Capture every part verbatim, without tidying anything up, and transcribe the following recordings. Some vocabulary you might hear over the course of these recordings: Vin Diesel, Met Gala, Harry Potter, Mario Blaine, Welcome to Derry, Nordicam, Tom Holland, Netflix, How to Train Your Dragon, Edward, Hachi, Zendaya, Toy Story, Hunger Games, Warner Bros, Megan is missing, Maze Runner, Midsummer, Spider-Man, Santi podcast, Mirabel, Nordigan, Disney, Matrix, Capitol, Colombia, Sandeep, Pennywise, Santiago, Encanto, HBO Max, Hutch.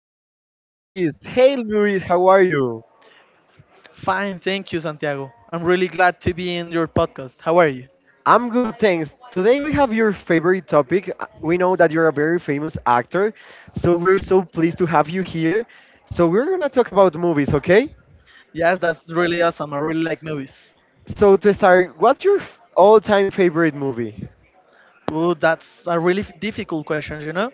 introduce Luis. Hey Luis, how are you? Fine, thank you, Santiago. I'm really glad to be in your podcast. How are you? I'm good, thanks. Today we have your favorite topic. Uh, We know that you're a very famous actor, so we're so pleased to have you here. So we're gonna talk about movies, okay? Yes, that's really awesome. I really like movies. So to start, what's your f- all-time favorite movie? Ooh, that's a really difficult question, you know?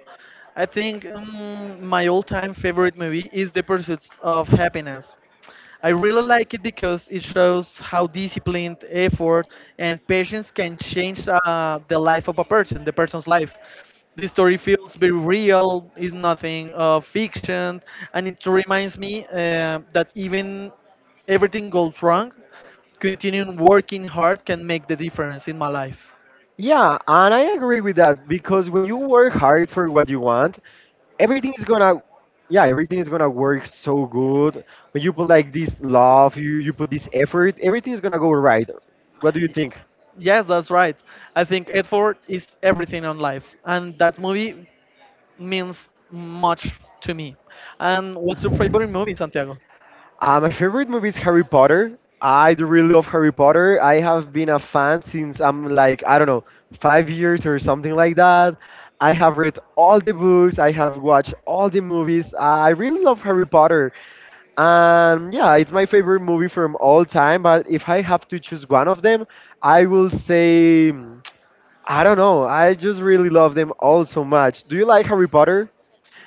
I think um, my all time favorite movie is The Pursuit of Happiness. I really like it because it shows how disciplined effort and patience can change uh, the life of a person, the person's life. This story feels very real, is nothing of fiction, and it reminds me uh, that even everything goes wrong, continuing working hard can make the difference in my life. Yeah, and I agree with that because when you work hard for what you want, everything is gonna yeah everything is gonna work so good. When you put like this love, you, you put this effort, everything is gonna go right. What do you think? Yes, that's right. I think Edward is everything on life, and that movie means much to me. And what's your favorite movie, Santiago? Uh, my favorite movie is Harry Potter. I do really love Harry Potter. I have been a fan since I'm like, I don't know, five years or something like that. I have read all the books, I have watched all the movies, I really love Harry Potter. And yeah, it's my favorite movie from all time. But if I have to choose one of them, I will say I don't know. I just really love them all so much. Do you like Harry Potter?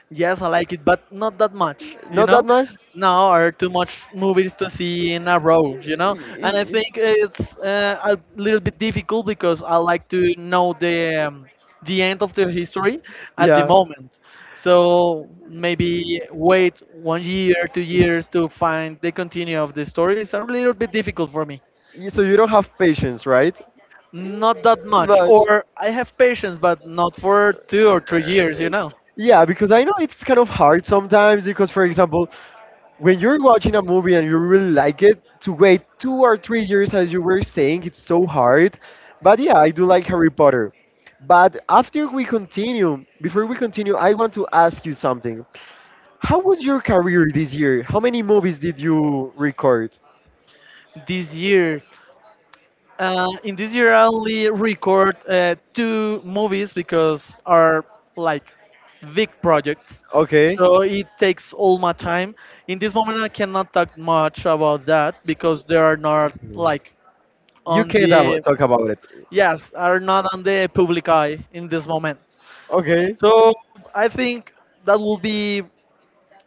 Yes, I like it, but not that much, you Not that know? much? Now are too much movies to see in a row, you know? And I think Y- it's uh, a little bit difficult because I like to know the um, the end of the history at the Yeah. moment. So maybe wait one year, two years to find the continue of the story is a little bit difficult for me. Y- So you don't have patience, right? Not that much, Much. or I have patience, but not for two or three years, you know? Yeah, because I know it's kind of hard sometimes because, for example, when you're watching a movie and you really like it, to wait two or three years, as you were saying, it's so hard. But yeah, I do like Harry Potter. But after we continue, Before we continue, I want to ask you something. How was your career this year? How many movies did you record? This year. Uh, in this year, I only record uh, two movies because are like big projects, Okay, so it takes all my time. In this moment, I cannot talk much about that because they are not like you on can't the, have, talk about it. yes, are not on the public eye in this moment. Okay. So I think that will be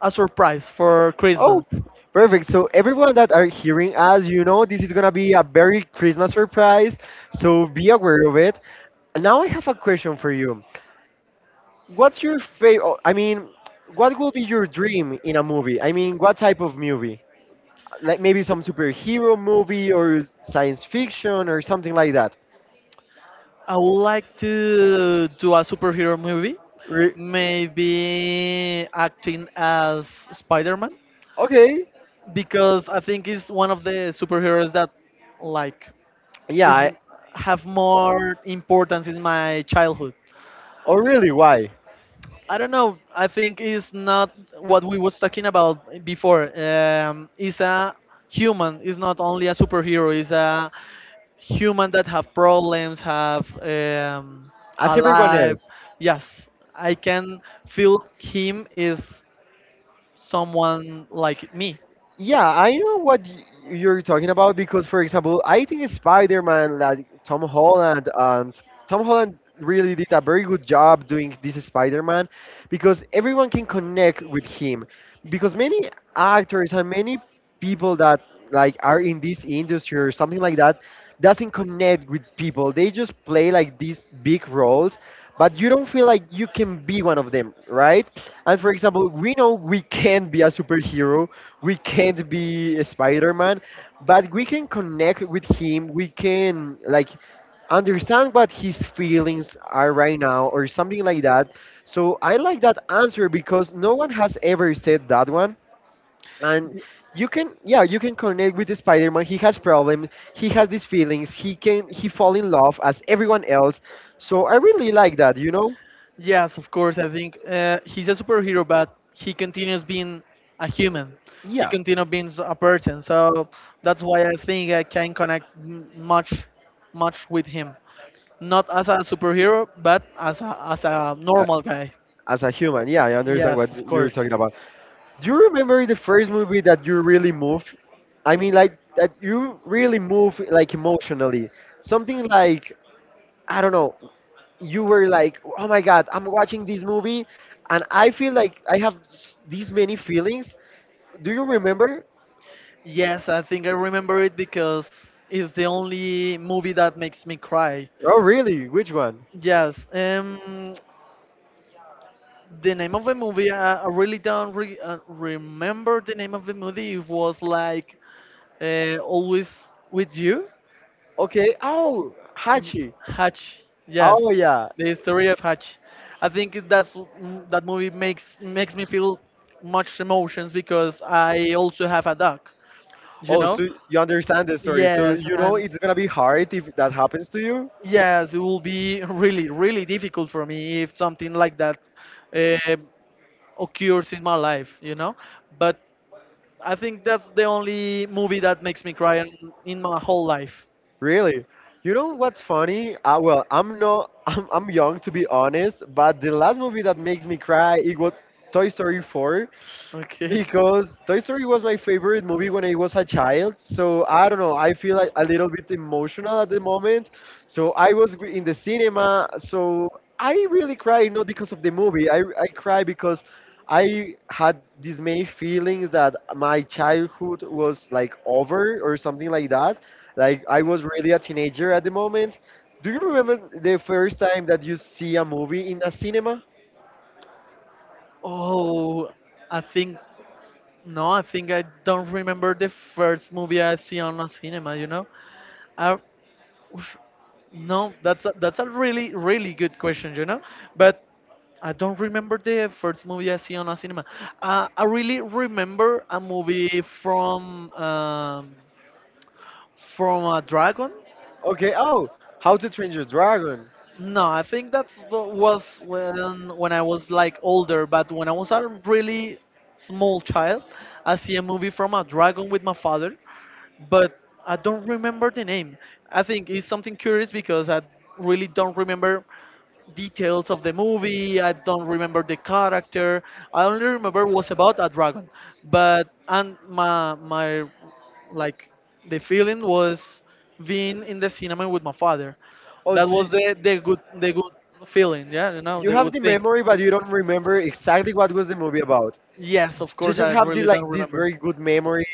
a surprise for Oh, Christmas. perfect. So everyone that are hearing us, you know, this is gonna be a very Christmas surprise. So be aware of it. And now I have a question for you. What's your favorite? I mean, What will be your dream in a movie? I mean, what type of movie? Like maybe some superhero movie or science fiction or something like that. I would like to do a superhero movie. Re- Maybe acting as Spider-Man okay. because I think it's one of the superheroes that, like, Yeah. is, I- have more importance in my childhood. oh, really? Why? I don't know. I think it's not what we was talking about before. Um, it's a human. It's not only a superhero. It's a human that have problems, have um, As everyone alive. else. Yes, I can feel him is someone like me. Yeah, I know what y- you're talking about because, for example, I think Spider-Man, like Tom Holland, and Tom Holland really did a very good job doing this Spider-Man because everyone can connect with him. Because many actors and many people that like are in this industry or something like that doesn't connect with people. They just play like these big roles, but you don't feel like you can be one of them, right? And for example, we know we can be a superhero, we can't be a Spider-Man, but we can connect with him. We can like understand what his feelings are right now or something like that. So I like that answer because no one has ever said that one. And you can, yeah, you can connect with the Spider-Man. He has problems, he has these feelings, he can he fall in love as everyone else. So I really like that, you know. Yes, of course. I think uh, he's a superhero, but he continues being a human. He Yeah, continues being s- a person. So that's why I think I can connect m- much, much with him. Not as a superhero, but as a, as a a- normal guy. as a human, yeah, I understand what Yes, of you're course. talking about. Do you remember the first movie that you really moved? I mean, like that you really moved like emotionally. Something like, I don't know. You were like, oh my god, I'm watching this movie, and I feel like I have s- these many feelings. Do you remember? Yes, I think I remember it because it's the only movie that makes me cry. Oh really? Which one? Yes. Um, the name of the movie, uh, I really don't re- uh, remember the name of the movie. It was like, uh, always with you. Okay. Oh, Y- Hachi. Hutch, yes, Oh yeah. the story of Hutch. I think that's mm, that movie makes makes me feel much emotions because I also have a dog, you Oh, know. so you understand the story. So Yes, you know and it's gonna be hard if that happens to you. yes, it will be really really difficult for me if something like that uh, occurs in my life, you know. But I think that's the only movie that makes me cry in in my whole life. Really? You know what's funny? Uh, well, I'm not. I'm, I'm young to be honest, but the last movie that makes me cry it was Toy Story four Okay. because Toy Story was my favorite movie when I was a child, so I don't know, I feel like a little bit emotional at the moment. So I was gr- in the cinema, so I really cried not because of the movie. I I cry because I had these many feelings that my childhood was like over or something like that. Like I was really a teenager at the moment. Do you remember the first time that you see a movie in a cinema? Oh, I think no, I think I don't remember the first movie I see on a cinema. You know, I, oof, no, that's a, that's a really really good question. You know, but I don't remember the first movie I see on a cinema. Uh, I really remember a movie from um, from a dragon. Okay, oh, How to Train Your Dragon. No, I think that's what was when when I was like older, but when I was a really small child, I see a movie from a dragon with my father, but I don't remember the name. I think it's something curious because I really don't remember details of the movie. I don't remember the character. I only remember it was about a dragon. But and my my like the feeling was being in the cinema with my father. Oh, That so was you, the, the good the good feeling, yeah, you know, You the have good the thing. memory, but you don't remember exactly what was the movie about. Yes, of You course, I just have the really don't like this very remember. good memory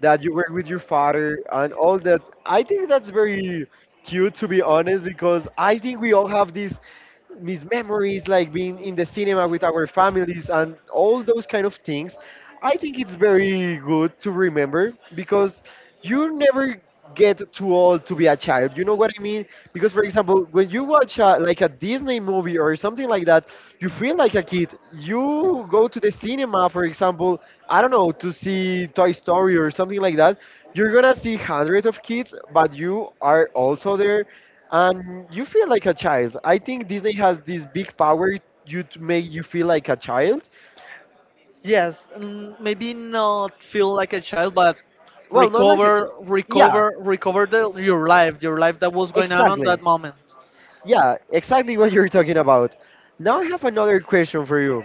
that you were with your father and all that. I think that's very cute to be honest because I think we all have these mis memories like being in the cinema with our families and all those kind of things. I think it's Because very good to remember because you you never never get get too to old to be a get. child. You know what I mean? Because For for example, if you're a example, person when you watch a, like a Disney movie or something like like that, that, you feel like a kid. you go to the cinema and you see a movie. You go to the And you go cinema, to for the theater example, I don't know, to see Toy Story or something like that. You're gonna see hundreds of kids, but you are also there, and you feel like a child. I think Disney has and this big power you you to see make you a feel play. like a child. Yes, mm, maybe not feel like a child, but Well, not like a recover, child. Yeah, recover, recover the, your life, your life that was going on on exactly. that moment. Yeah, exactly what you're talking about. Now I have another question for you.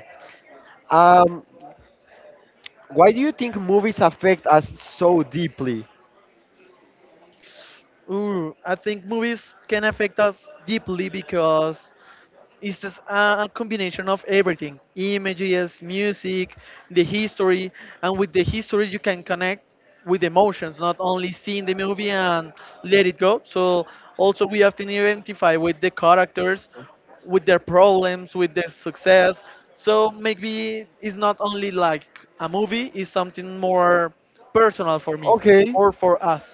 Um, why do you think movies affect us so deeply? Ooh, I think movies can affect us deeply because it's just a a combination of everything, images, music, the history. And with the history, you can connect with emotions, not only seeing the movie and let it go. So, also, we have to identify with the characters, with their problems, with their success. So, maybe it's not only like a movie, it's something more personal for me Okay. or for us.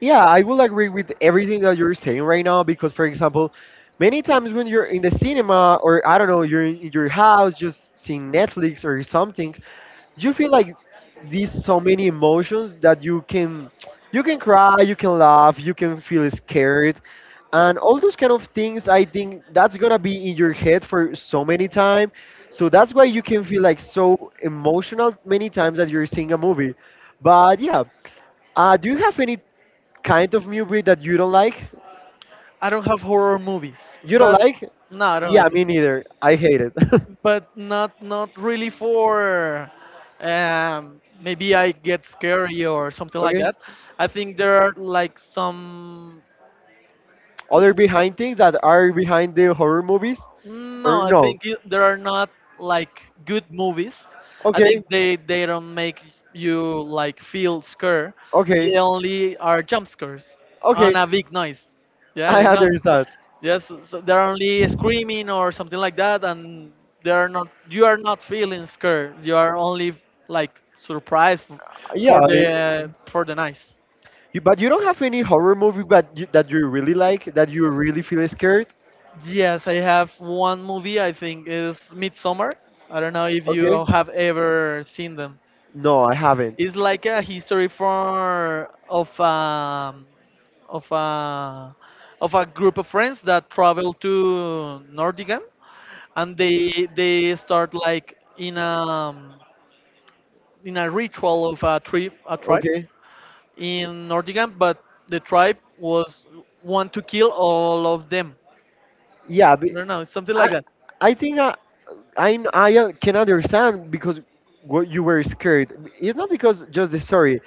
Yeah, I will agree with everything that you're saying right now because, for example, many times when you're in the cinema or I don't know, you're in your house just seeing Netflix or something, you feel like these so many emotions that you can you can cry, you can laugh, you can feel scared, and all those kind of things. I think that's gonna be in your head for so many time, so that's why you can feel like so emotional many times that you're seeing a movie. But yeah, uh, do you have any kind of movie that you don't like? I don't have horror movies, You don't but like? no, I don't Yeah, like me it. neither. I hate it. But not not really for, um, maybe I get scary or something like Okay. that. I think there are like some, Other behind things that are behind the horror movies? no, Or I no? think it, there are not like good movies. I Okay. think they they don't make you like feel scared. Okay. They only are jump scares on Okay. a big noise. Yeah, I you know. understand. Yes, so they're only screaming or something like that, and they are not. You are not feeling scared. You are only like surprised, f- Yeah. for I, the for the nice. you, but you don't have any horror movie but you, that you really like, that you really feel scared? Yes, I have one movie. I think is Midsummer. I don't know if Okay. you have ever seen them. No, I haven't. It's like a history for of um, of a of a group of friends that travel to Nordicam, and they they start like in a in a ritual of a, tri- a tribe Okay. in Nordigan, but the tribe was want to kill all of them. Yeah, I be, don't know, something like I, that. I think I, I, I uh, can understand because what you were scared. It's not because just the story.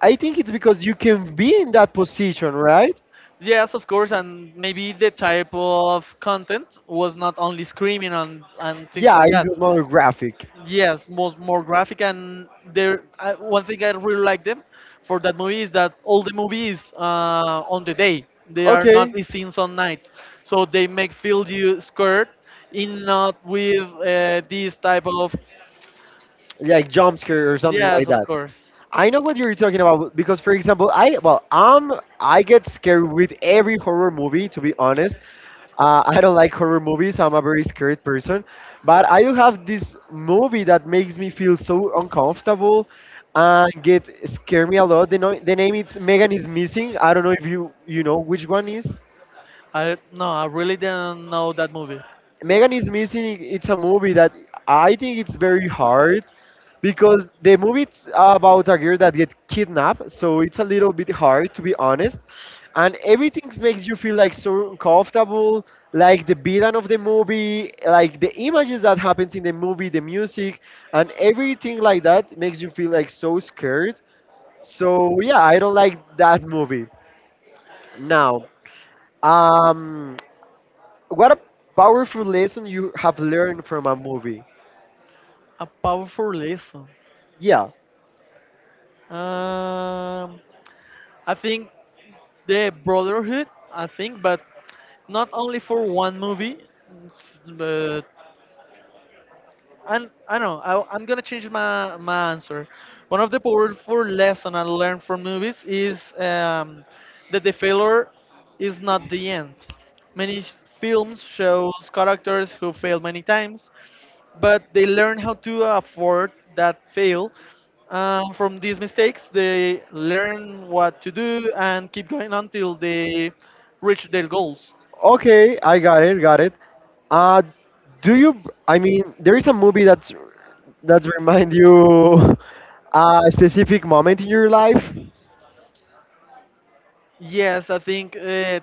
I think it's because you can be in that position, right? Yes, of course, and maybe the type of content was not only screaming and, and things Yeah, like it that. was more graphic. Yes, most more graphic and there. I, one thing I really like them for that movie is that all the movies, uh, on the day. They are not Okay, the scenes on night, so they make feel you scared, in not with uh, this type of. like jump scare or something Yes, like of that. course. I know what you're talking about because, for example, I well, um, I get scared with every horror movie. To be honest, Uh, I don't like horror movies. I'm a very scared person, but I do have this movie that makes me feel so uncomfortable and get scare me a lot. The, no- The name it's Megan is missing. I don't know if you you know which one is. I, no, I really didn't know that movie. Megan is missing. It's a movie that I think it's very hard because the movie it's about a girl that gets kidnapped, so it's a little bit hard to be honest. And everything makes you feel like so uncomfortable, like the villain of the movie, like the images that happens in the movie, the music and everything like that makes you feel like so scared. So yeah, I don't like that movie. Now, um what a powerful lesson you have learned from a movie? A powerful lesson. Yeah. Um, I think the Brotherhood. I think, but not only for one movie, s- but, and I know I, I'm gonna change my my answer. One of the powerful lessons I learned from movies is um, that the failure is not the end. Many films shows characters who fail many times, but they learn how to afford that fail. Um, from these mistakes, they learn what to do and keep going until they reach their goals. Okay, I got it, got it. Uh, do you? I mean, There is a movie that's that remind you a specific moment in your life. Yes, I think uh,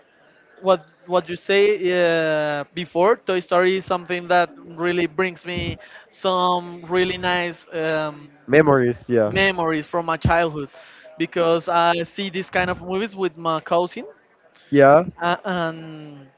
what what you say uh, before, Toy Story is something that really brings me some really nice um, Memories, yeah, memories from my childhood because I see these kind of movies with my cousin, yeah, uh, and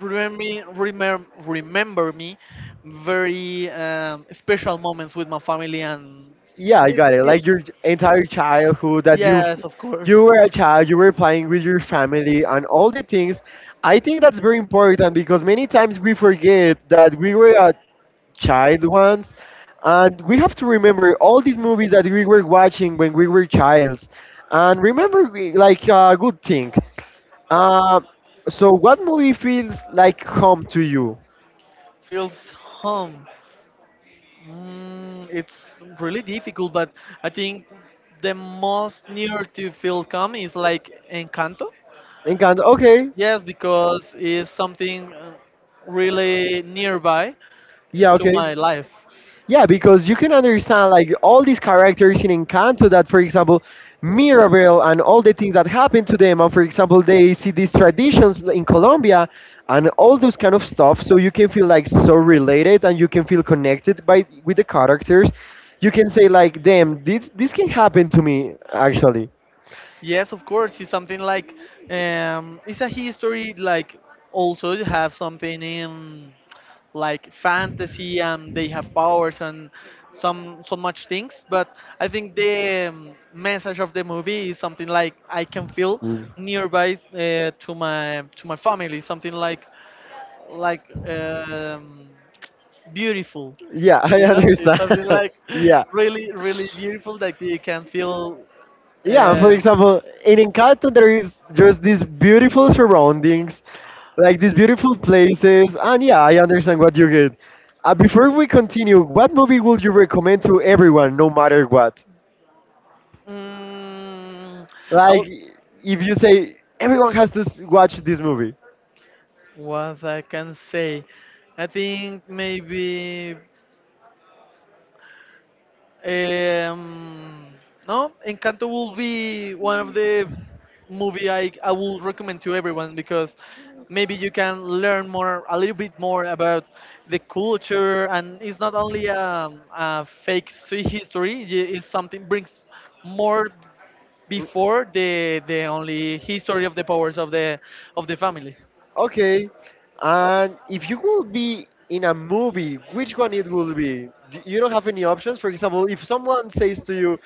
remember me, remember, remember me very um, special moments with my family and yeah. I got it's it. Like it's your entire childhood that you yes of you course were a child, you were playing with your family and all the things. I think that's very important because many times we forget that we were a child ones. And we have to remember all these movies that we were watching when we were childs. And remember, we- like, a good thing. Uh, so, what movie feels like home to you? feels home. Mm, it's really difficult, but I think the most near to feel calm is like Encanto. And kind of, okay, Yes, because it's something uh, really nearby yeah, to okay. my life. Yeah, because you can understand like all these characters in Encanto that, for example, Mirabel and all the things that happen to them, and for example, they see these traditions in Colombia and all those kind of stuff. So you can feel like so related and you can feel connected by with the characters. You can say like, damn, this this can happen to me actually. Yes, of course. It's something like, um, it's a history. Like also you have something in like fantasy, and they have powers and some so much things. But I think the um, message of the movie is something like I can feel Mm. nearby uh, to my to my family. Something like like um, beautiful. uh, Yeah, I You know, it's understand. something like Yeah. really really beautiful that you can feel. Yeah, for um, example, in Encanto there is just these beautiful surroundings, like these beautiful places, and yeah, I understand what you get. Uh, before we continue, what movie would you recommend to everyone, no matter what? Mm, Like, I'll, if you say everyone has to s- watch this movie, what I can say, I think maybe um, no, Encanto will be one of the movie I I will recommend to everyone because maybe you can learn more a little bit more about the culture and it's not only um a fake hi- history. y- It's something brings more before the the only history of the powers of the of the family. okay, and if you would be in a movie, which one it will be? D- You don't have any options. For example, if someone says to you,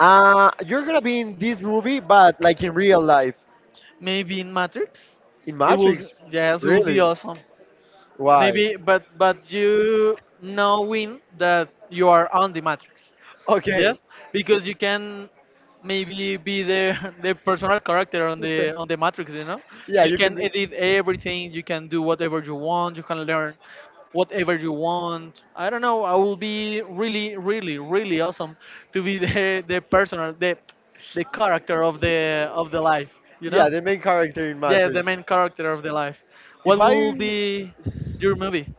uh, "You're gonna be in this movie, but like in real life." Maybe in Matrix, In it will, Matrix? yes, it will be Really? awesome. Why? Maybe, but but you knowing that you are on the Matrix, Okay. yes, because you can maybe be the the personal character on the on the Matrix. You know, Yeah, you you can can be. edit everything, you can do whatever you want, you can learn whatever you want. I don't know. I will be really, really, really awesome to be the the personal the the character of the of the life. You Yeah, know. the main character in Yeah, the Matrix. main character of the life. What If will I be your movie?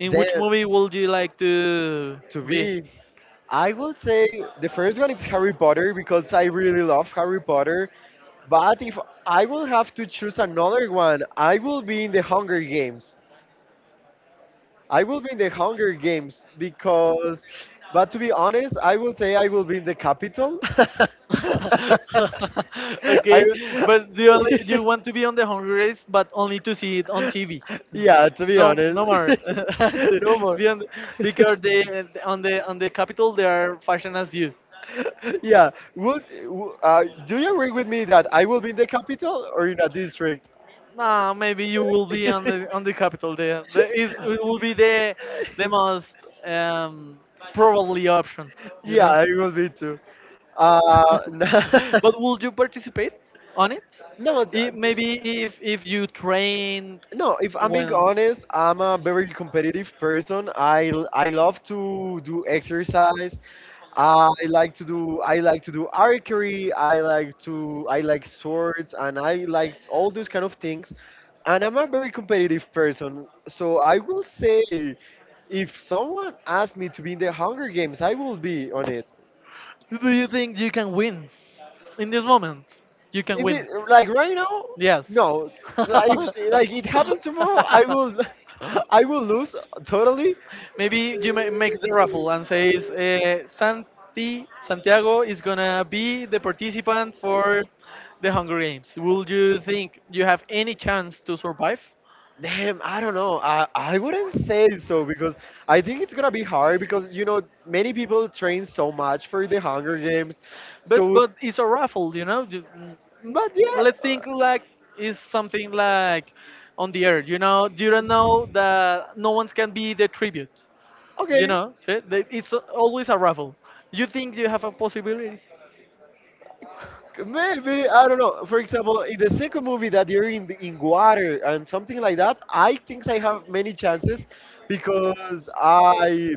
In then which movie would you like to to be? be, I would say the first one is Harry Potter because I really love Harry Potter. But if I will have to choose another one, I will be in the Hunger Games. I will be in the Hunger Games because, but to be honest, I will say I will be in the Capitol. I, Okay, but the only do you want to be on the Hunger Games, but only to see it on T V. Yeah, to be No, honest. no more. To No more. be on the- because they on the on the capital they are fashion as you. Yeah. Would, w- uh, do you agree with me that I will be in the capital or in a district? Nah, maybe you will be on the on the capital. There, there is it will be the the most um, probably option. You Yeah, know. I will be too. Uh, But would you participate on it? No, th- I th- maybe if if you train no. If I'm being well. honest, I'm a very competitive person. I l- I love to do exercise. I like to do I like to do archery, I like to I like swords and I like all those kind of things. And I'm a very competitive person. So I will say if someone asked me to be in the Hunger Games, I will be on it. Do you think you can win in this moment? You can Is win. it like right now? Yes. No. Like, if, like it happens tomorrow, I will I will lose totally. Maybe you ma- make the raffle and says uh, Santi Santiago is gonna be the participant for the Hunger Games. Will you think you have any chance to survive? Damn, I don't know. I, I wouldn't say so because I think it's gonna be hard because you know many people train so much for the Hunger Games. But So, but it's a raffle, you know. ju- n- n- but yeah, Let's uh, think like it's something like on the earth, you know. You don't know that no one can be the tribute, okay, you know. so they- It's always a raffle. You think you have a possibility? maybe I don't know. For example, in the second movie that you're in the, in water and something like that, I think I have many chances because I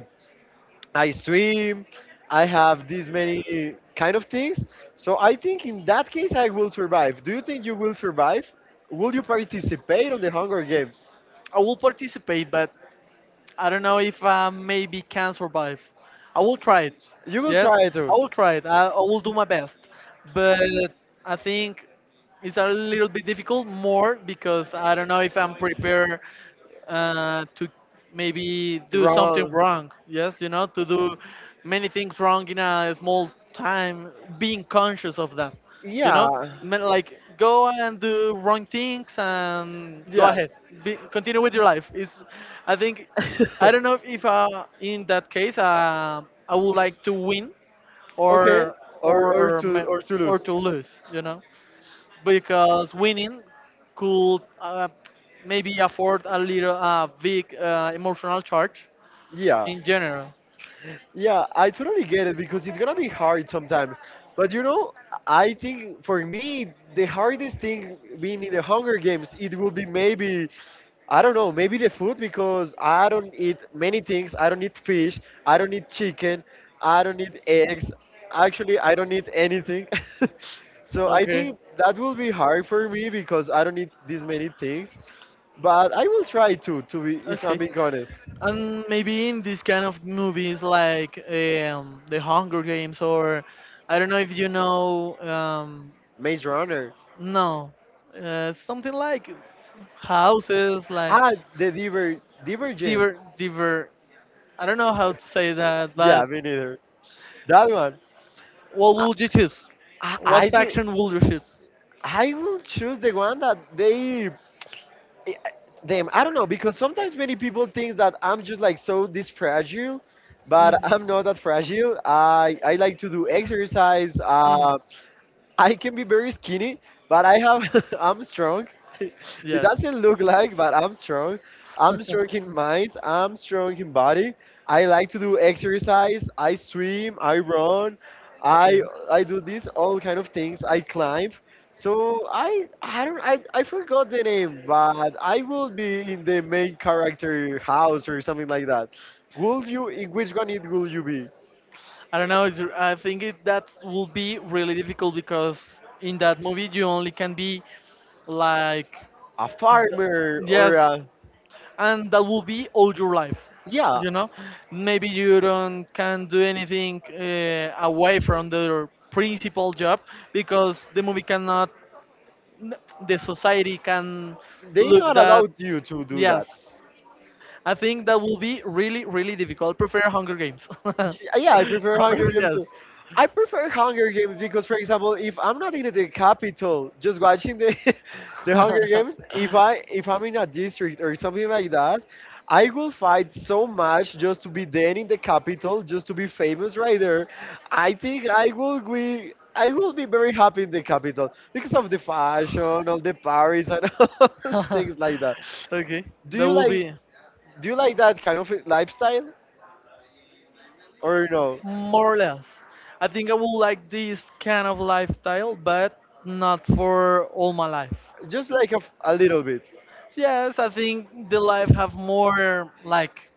I swim, I have these many kind of things. So I think in that case I will survive. Do you think you will survive? Will you participate on the Hunger Games? I will participate, but I don't know if I maybe can survive. I will try it. You will Yes, try I to will try it. I, I will do my best. But I think. It's a little bit difficult more because I don't know if I'm prepared uh, to maybe do something run. wrong. Yes, you know, to do many things wrong in a small time, being conscious of that, you Yeah, know, Ma- like go and do wrong things and go yeah. ahead, be, continue with your life. It's, I think, I don't know if uh, in that case uh, I would like to win Okay, or or or or to ma- or to or lose. to lose, you know, because winning could uh, maybe afford a little uh, big uh, emotional charge Yeah. in general. Yeah, I totally get it because it's gonna be hard sometimes. But you know, I think for me the hardest thing being in the Hunger Games, it will be maybe I don't know, maybe the food because I don't eat many things. I don't eat fish, I don't eat chicken, I don't eat eggs. Actually, I don't eat anything. So I Okay. think that will be hard for me because I don't eat these many things. But I will try to, to be, if I'm Okay. being honest. And maybe in these kind of movies like um, The Hunger Games or I don't know if you know um, Maze Runner. no uh, something like houses like Ah, the diver, Divergent. diver diver I don't know how to say that, Yeah, but me neither. That one. what I, would you choose? I, What I think faction would you choose? I will choose the one that they. I- Them, I don't know because sometimes many people think that I'm just like so this fragile, but Mhm. I'm not that fragile. I I like to do exercise. Mm. um, I can be very skinny, but I have I'm strong. It Yes. doesn't look like, but I'm strong. I'm strong in mind. I'm strong in body. I like to do exercise. I swim. I run. I I do these all kind of things. I climb. So I I don't I, I forgot the name, but I will be in the main character house or something like that. Will you? In which one it will you be? I don't know. It's, I think it, that will be really difficult because in that movie you only can be like, A farmer th- or yes, a and that will be all your life, yeah. you know, maybe you don't can do anything uh, away from their principal job because the movie cannot, the society can They look not that, allowed you to do yes. that. I think that will be really really difficult, prefer Hunger Games. Y- Yeah, I prefer I Hunger Games prefer, too. I prefer Hunger Games because, for example, if I'm not in the capital, just watching the the Hunger Games, if I if I'm in a district or something like that, I will fight so much just to be then in the capital, just to be famous right there. I think I will be I will be very happy in the capital because yes. of the fashion, all the Paris and all things like that. Okay, Do that you will like? be Do you like that kind of lifestyle or no? more or less. I think I would like this kind of lifestyle, but not for all my life. Just like a, f- a little bit. So yes, I think the life have more like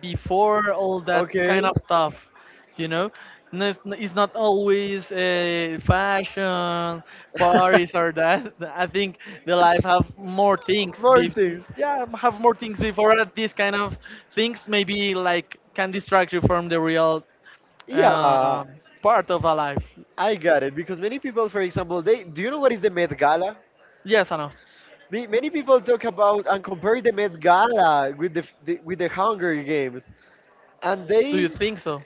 before all that Okay. kind of stuff, you know. No, it's n- it's not always a fashion parties or that. I think the life have more things More be, things. yeah, have more things before that, these kind of things maybe like can distract you from the real Yeah, um, part of a life. I got it. Because many people, for example, they do you know what is the Met Gala? Yes, I know. Ma- Many people talk about and compare the Met Gala with the, f- the with the Hunger Games, and Do they you think so?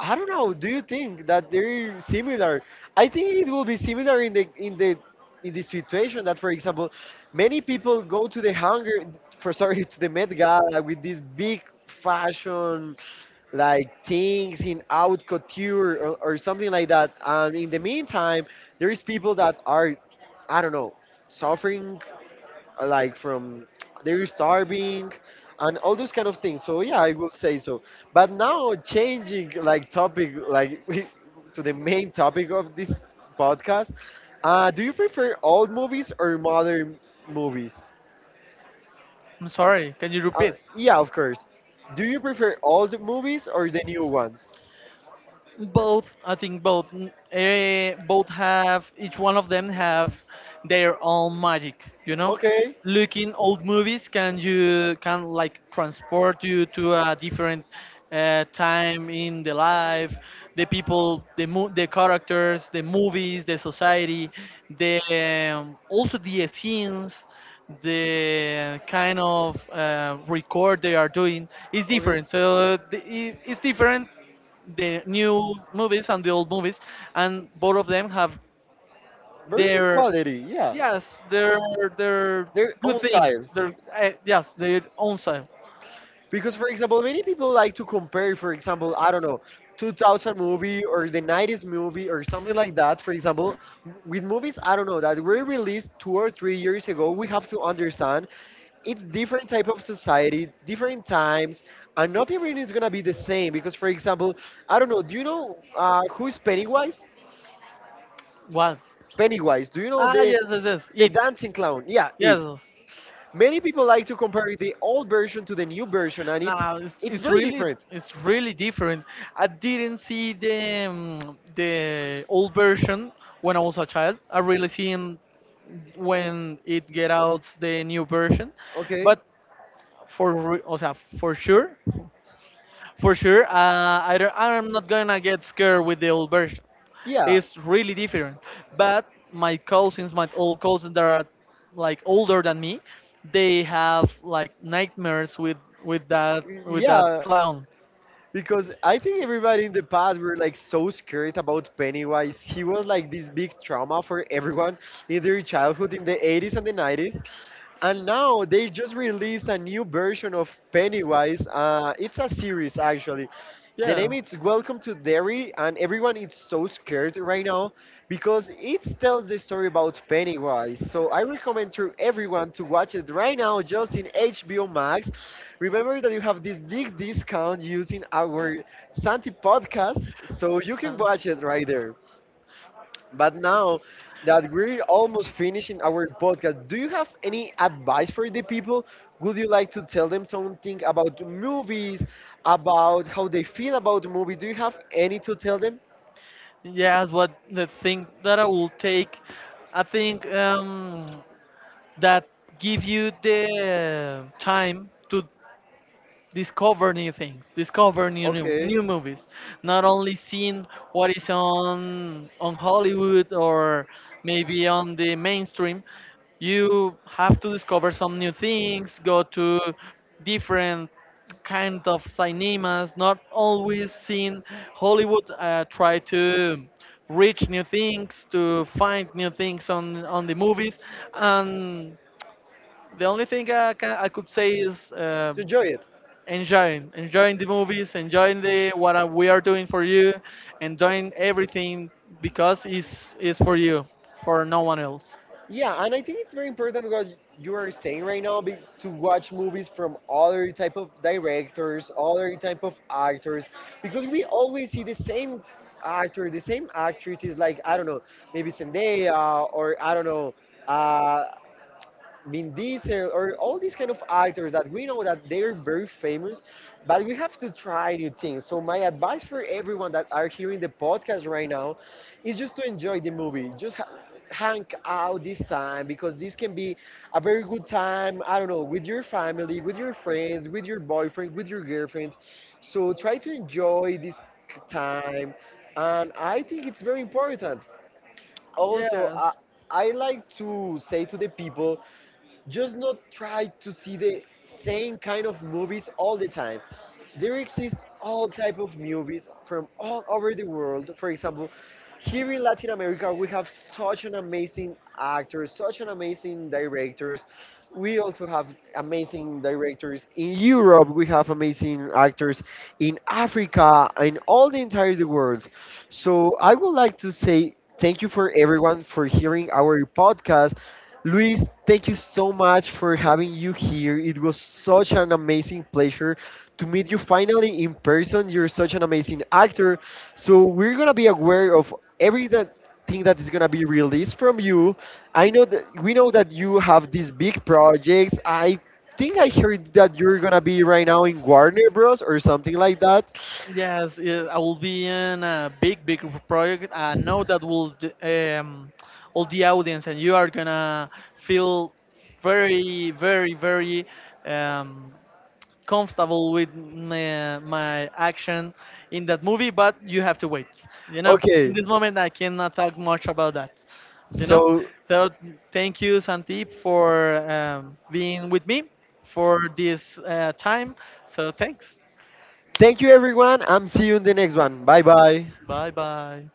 I don't know. Do you think that they're similar? I think it will be similar in the in the in the situation that, for example, many people go to the hunger for sorry to the Met Gala with these big fashion like things in haute couture or, or something like that. And in the meantime, there is people that are I don't know suffering uh, like from they're starving and all those kind of things, so yeah, I will say so. But now changing like topic, like we- to the main topic of this podcast, uh, do you prefer old movies or modern movies? I'm sorry, can you uh, repeat? yeah, of course. Do you prefer old movies or the new ones? Both, I think both, uh, both have, each one of them have their own magic, you know. Okay. Looking old movies can, you can like transport you to a different uh, time in the life, the people, the mo- the characters, the movies, the society, the um, also the scenes, the kind of uh, record they are doing is Okay, different, so the, it- it's different, the new movies and the old movies, and both of them have very good their, quality. Yeah, yes, their their their good own things. style. Their uh, yes, their own side. Because, for example, many people like to compare, for example, I don't know, two thousand movie or the nineties movie or something like that, for example, w- with movies, I don't know, that were released two or three years ago, we have to understand it's different type of society, different times, and not everything is going to be the same. Because, for example, I don't know, do you know uh, who is Pennywise? What? Pennywise, do you know Ah, the, yes, yes, yes. the It. dancing clown? Yeah, it. Yes. Many people like to compare the old version to the new version, and it's Now it's it's it's very really, different. it's really different. I didn't see the um, the old version when I was a child. I really seen when it get out the new version, Okay. but for re- o sea, for sure. For sure, uh, I don't, I'm not gonna get scared with the old version. Yeah. It's really different. But my cousins, my old cousins that are like older than me, they have like nightmares with with that with that Yeah. clown. Because I think everybody in the past were like so scared about Pennywise. He was like this big trauma for everyone in their childhood in the eighties and the nineties. And now they just released a new version of Pennywise. Uh, it's a series actually. The Yeah. name is Welcome to Derry, and everyone is so scared right now because it tells the story about Pennywise. So I recommend to everyone to watch it right now, just in H B O Max. Remember that you have this big discount using our Santi Something about podcast, so you can watch it right there. it. But now that we're almost finishing our podcast, do you have any advice for the people? Would you like to tell them something about movies, about how they feel about movies? Do you have any to tell them? Yes, what the thing that I will take, I think um, that give you the time to discover new things, discover new, new Okay, new movies, not only seeing what is on on Hollywood or maybe on the mainstream. You have to discover some new things, go to different kind of cinemas, not always seeing Hollywood. Uh, try to reach new things, to find new things on on the movies, and the only thing I can, I could say is uh, so enjoy it. enjoying, enjoying the movies, enjoying the what are- we are doing for you, enjoying everything because it's is for you, for no one else. Yeah, and I think it's very important because you are saying right now be, to watch movies from other type of directors, other type of actors, because we always see the same actor, the same actresses, like I don't know, maybe Zendaya or I don't know, uh, Vin Diesel, or all these kind of actors that we know that they're very famous, but we have to try new things. So my advice for everyone that are hearing the podcast right now is just to enjoy the movie. Just ha- hang out this time because this can be a very good time. I don't know, with your family, with your friends, with your boyfriend, with your girlfriend. So try to enjoy this k- time, and I think it's very important. Also, I, Yes, I like to say to the people just not try to see the same kind of movies all the time. There exist all type of movies from all over the world. For example, here in Latin America we have such an amazing actors, such an amazing directors. We also have amazing directors in Europe. We have amazing actors in Africa and all the entire the world. So I would like to say thank you for everyone for hearing our podcast. Luis, thank you so much for having you here. It was such an amazing pleasure to meet you finally in person. You're such an amazing actor. So we're gonna be aware of every that thing that is gonna be released from you. I know, that we know that you have these big projects. I think I heard that you're gonna be right now in Warner Bros. Or something like that. yes, yes, I will be in a big, big project. I know that will d- um, all the audience and you are gonna feel very, very, very um, comfortable with my, my action in that movie, but you have to wait. You know, in Okay, this moment, I cannot talk much about that. You know, so so thank you, Sandeep, for um, being with me for this uh, time. So thanks. thank you, everyone. I'm see you in the next one. Bye bye. Bye bye.